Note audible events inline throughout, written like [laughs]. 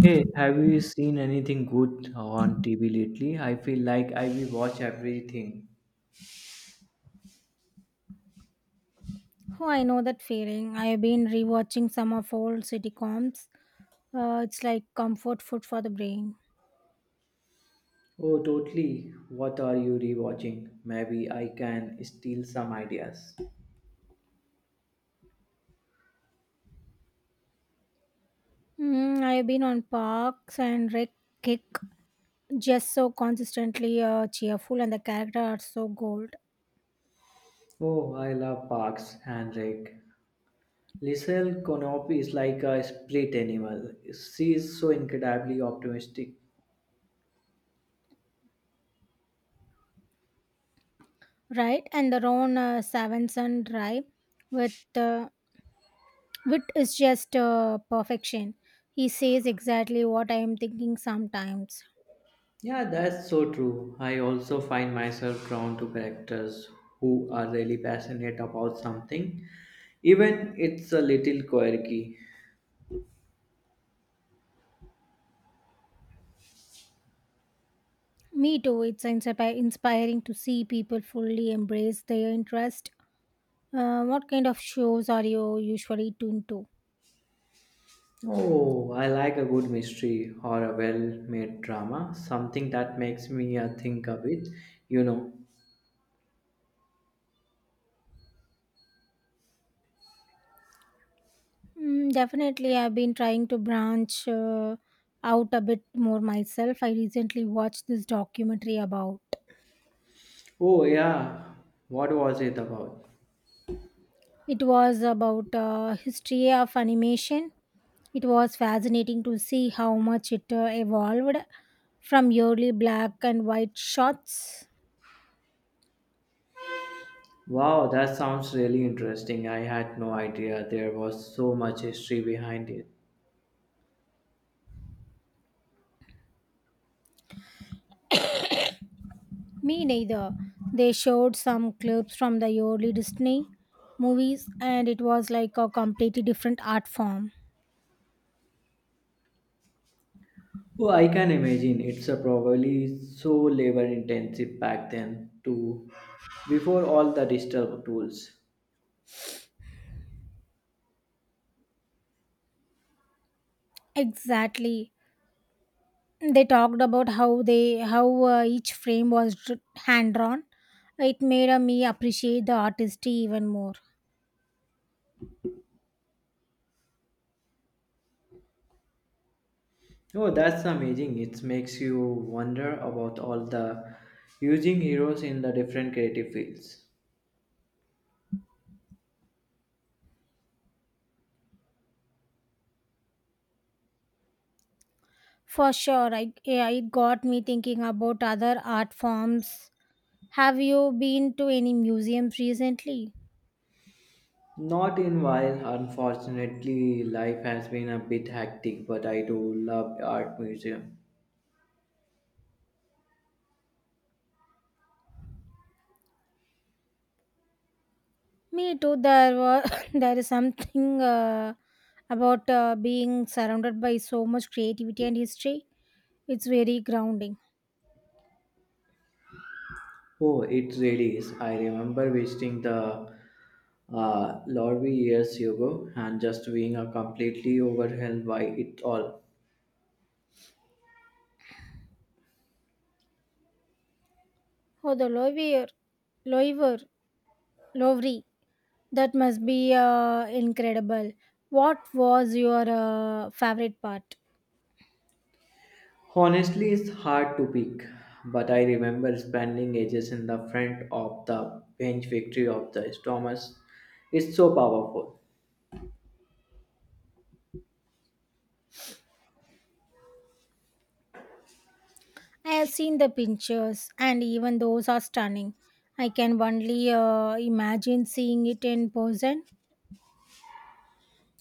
Hey, have you seen anything good on TV lately? I feel like I will watch everything. Oh, I know that feeling. I've been rewatching some of old sitcoms. It's like comfort food for the brain. Oh, totally. What are you rewatching? Maybe I can steal some ideas. I've been on Parks and Rec Kick, just so consistently cheerful, and the characters are so gold, Oh, I love Parks and Rec. Lisel Konop is like a split animal. She is so incredibly optimistic. right? And the Ron Savanson Drive with wit is just perfection. He says exactly what I am thinking sometimes. Yeah, that's so true. I also find myself drawn to characters who are really passionate about something, even it's a little quirky. Me too. It's inspiring to see people fully embrace their interest. What kind of shows are you usually tuned to? Oh, I like a good mystery or a well-made drama, something that makes me think a bit, you know. Definitely, I've been trying to branch out a bit more myself. I recently watched this documentary about. Oh yeah, what was it about? It was about history of animation. It was fascinating to see how much it evolved from early black and white shots. Wow, that sounds really interesting. I had no idea there was so much history behind it. Me neither. They showed some clips from the early Disney movies, and it was like a completely different art form. Oh, I can imagine. It's a probably so labor intensive back then too, before all the digital tools. Exactly. They talked about how each frame was hand drawn. It made me appreciate the artistry even more. Oh, that's amazing. It makes you wonder about all the using heroes in the different creative fields. For sure, I, yeah, it got me thinking about other art forms. Have you been to any museums recently? Not in while, unfortunately, life has been a bit hectic, but I do love art museum. Me too. There were [coughs] there is something about being surrounded by so much creativity and history. It's very grounding. Oh, it really is. I remember visiting the Lorry years ago and just being completely overwhelmed by it all. Oh, the Louvre, Louvre, Louvre. That must be incredible. What was your favorite part? Honestly, it's hard to pick, but I remember spending ages in the front of the bench victory of the Stormers. It's so powerful. I have seen the pictures, and even those are stunning. I can only imagine seeing it in person.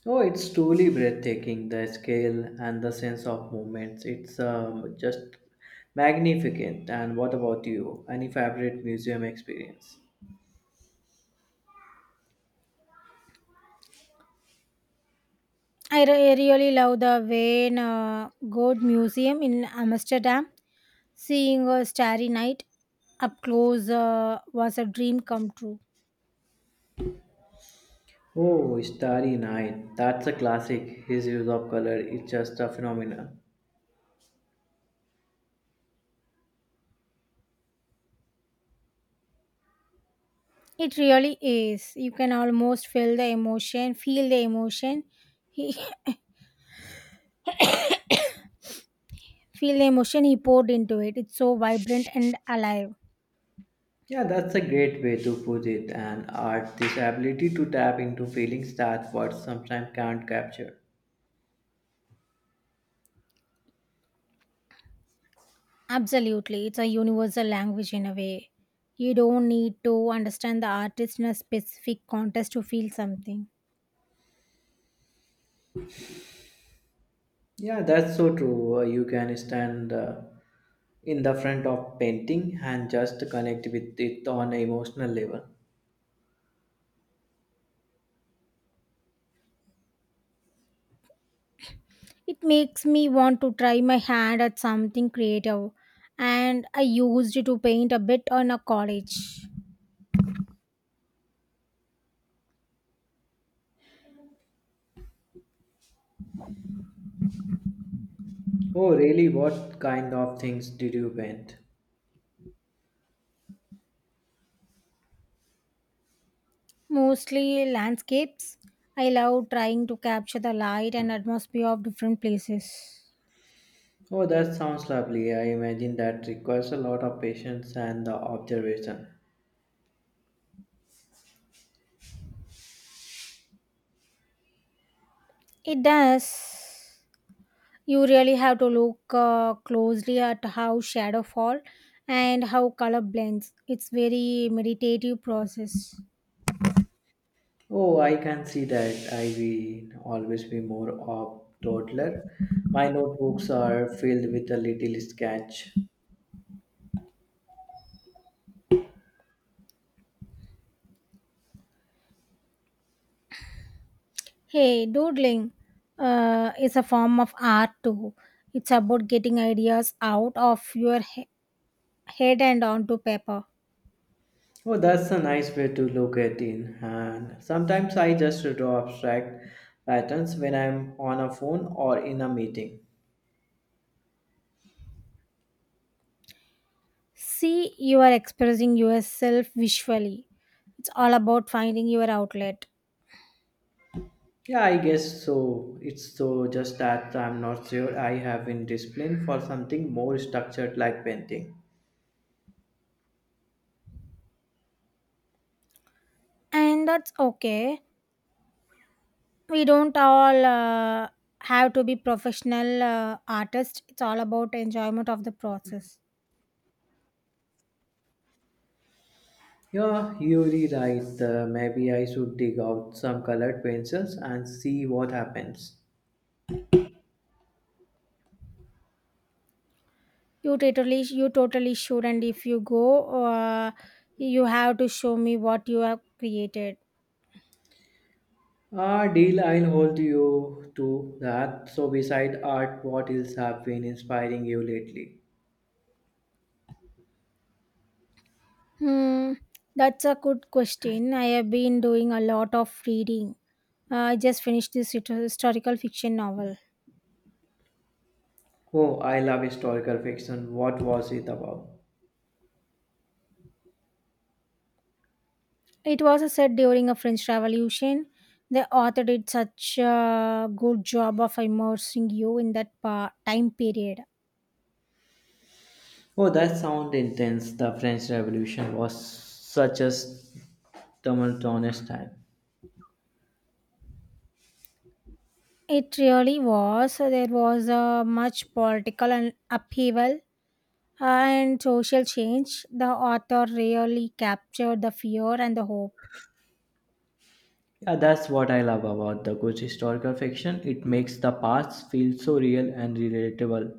Oh, it's truly breathtaking, the scale and the sense of movements. It's just magnificent. And what about you? Any favorite museum experience? Really love the Wayne Gold Museum in Amsterdam. Seeing a starry night up close was a dream come true. Oh, Starry Night. That's a classic. His use of color is just a phenomenon. It really is. You can almost feel the emotion [laughs] feel the emotion he poured into it. It's so vibrant and alive. Yeah, that's a great way to put it. And art, this ability to tap into feelings that words sometimes can't capture. Absolutely. It's a universal language in a way. You don't need to understand the artist in a specific context to feel something. Yeah, that's so true. You can stand in the front of painting and just connect with it on an emotional level. It makes me want to try my hand at something creative. And I used to paint a bit on a college. Oh, really? What kind of things did you paint? Mostly landscapes. I love trying to capture the light and atmosphere of different places. Oh, that sounds lovely. I imagine that requires a lot of patience and observation. It does. You really have to look closely at how shadow fall and how color blends. It's very meditative process. Oh, I can see that. I will always be more of toddler. My notebooks are filled with a little sketch. Hey, doodling is a form of art too. It's about getting ideas out of your head and onto paper. Oh, that's a nice way to look at it. And sometimes I just draw abstract patterns when I'm on a phone or in a meeting. See, you are expressing yourself visually. It's all about finding your outlet. Yeah, I guess so. It's so just that I'm not sure I have been disciplined for something more structured like painting. And that's okay. We don't all have to be professional artists. It's all about enjoyment of the process. Yeah, you're really right. Maybe I should dig out some colored pencils and see what happens. You totally should, and if you go uh, you have to show me what you have created. Ah, deal, I'll hold you to that. So, beside art, what else have been inspiring you lately? Hmm. That's a good question. I have been doing a lot of reading. I just finished this historical fiction novel. Oh, I love historical fiction. What was it about? It was a set during a french revolution. The author did such a good job of immersing you in time period. Oh, that sounds intense. The French Revolution was such a tumultuous time. It really was. So, there was a much political and upheaval and social change. The author really captured the fear and the hope. Yeah, that's what I love about the good historical fiction. It makes the past feel so real and relatable.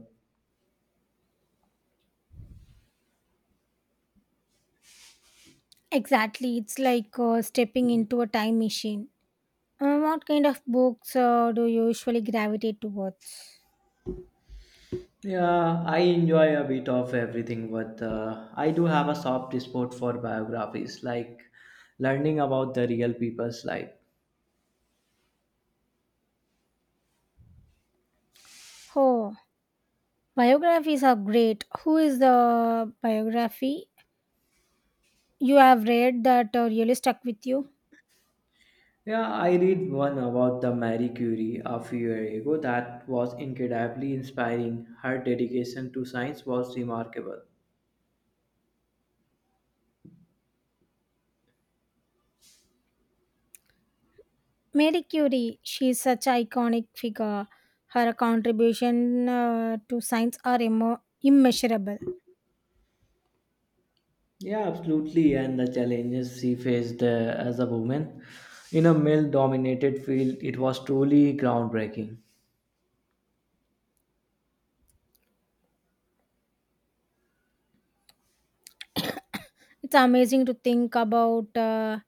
Exactly, it's like stepping into a time machine. What kind of books do you usually gravitate towards? Yeah, I enjoy a bit of everything, but I do have a soft spot for biographies, like learning about the real people's life. Oh, biographies are great. Who is the biography you have read that really stuck with you? Yeah, I read one about the Marie Curie a few years ago that was incredibly inspiring. Her dedication to science was remarkable. Marie Curie, she's such an iconic figure. Her contribution to science are immeasurable. Yeah, absolutely, and the challenges she faced as a woman in a male-dominated field, it was truly groundbreaking. It's amazing to think about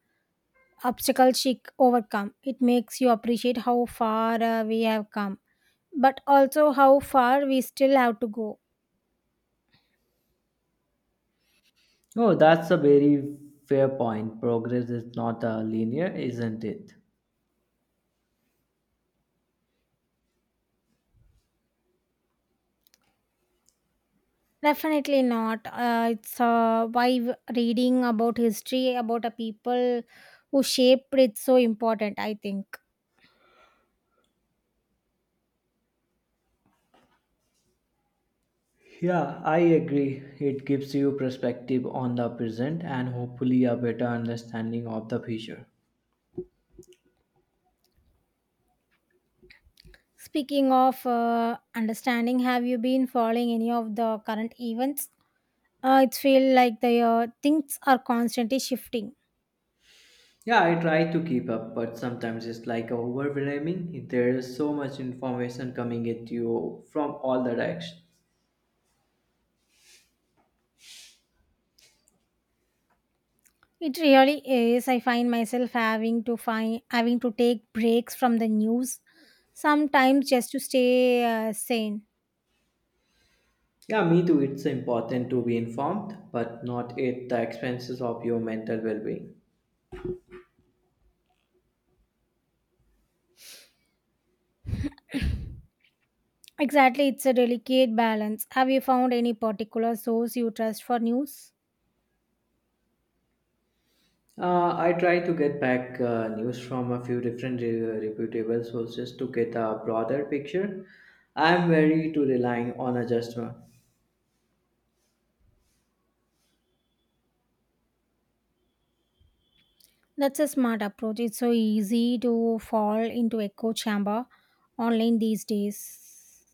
obstacles she overcome. It makes you appreciate how far we have come, but also how far we still have to go. Oh, that's a very fair point. Progress is not linear, isn't it? Definitely not. It's why reading about history, about a people who shaped it, so important, I think. Yeah, I agree. It gives you perspective on the present and hopefully a better understanding of the future. Speaking of understanding, have you been following any of the current events? It feels like the things are constantly shifting. Yeah, I try to keep up, but sometimes it's like overwhelming. There is so much information coming at you from all the directions. It really is. I find myself having to take breaks from the news sometimes just to stay sane. Yeah, me too. It's important to be informed, but not at the expenses of your mental well being. Exactly, it's a delicate balance. Have you found any particular source you trust for news? I try to get back news from a few different reputable sources to get a broader picture. I'm wary to relying on a just one. That's a smart approach. It's so easy to fall into echo chamber online these days.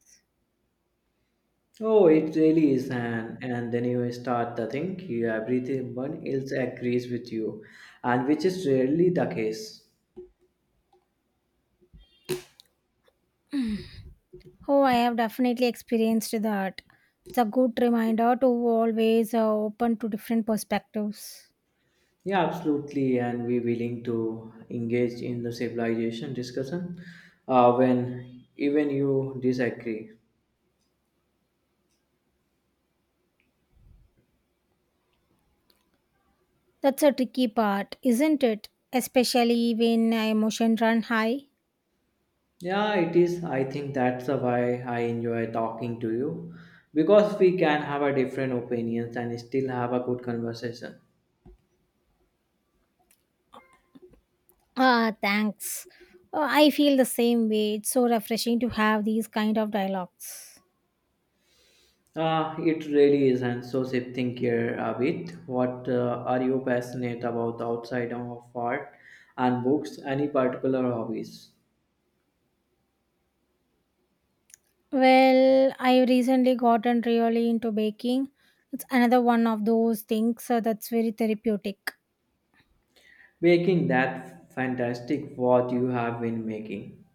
Oh, it really is, and then you start to think you everyone else agrees with you, and which is rarely the case. Oh, I have definitely experienced that. It's a good reminder to always open to different perspectives. Yeah, absolutely, and we willing to engage in the civilization discussion when even you disagree. That's a tricky part, isn't it? Especially when emotion run high. Yeah, it is. I think that's the why I enjoy talking to you because we can have a different opinions and still have a good conversation. Ah, thanks. I feel the same way. It's so refreshing to have these kind of dialogues. It really is. And so shifting here a bit, what are you passionate about outside of art and books? Any particular hobbies? Well, I recently gotten really into baking. It's another one of those things that's very therapeutic. Making that fantastic what you have been making.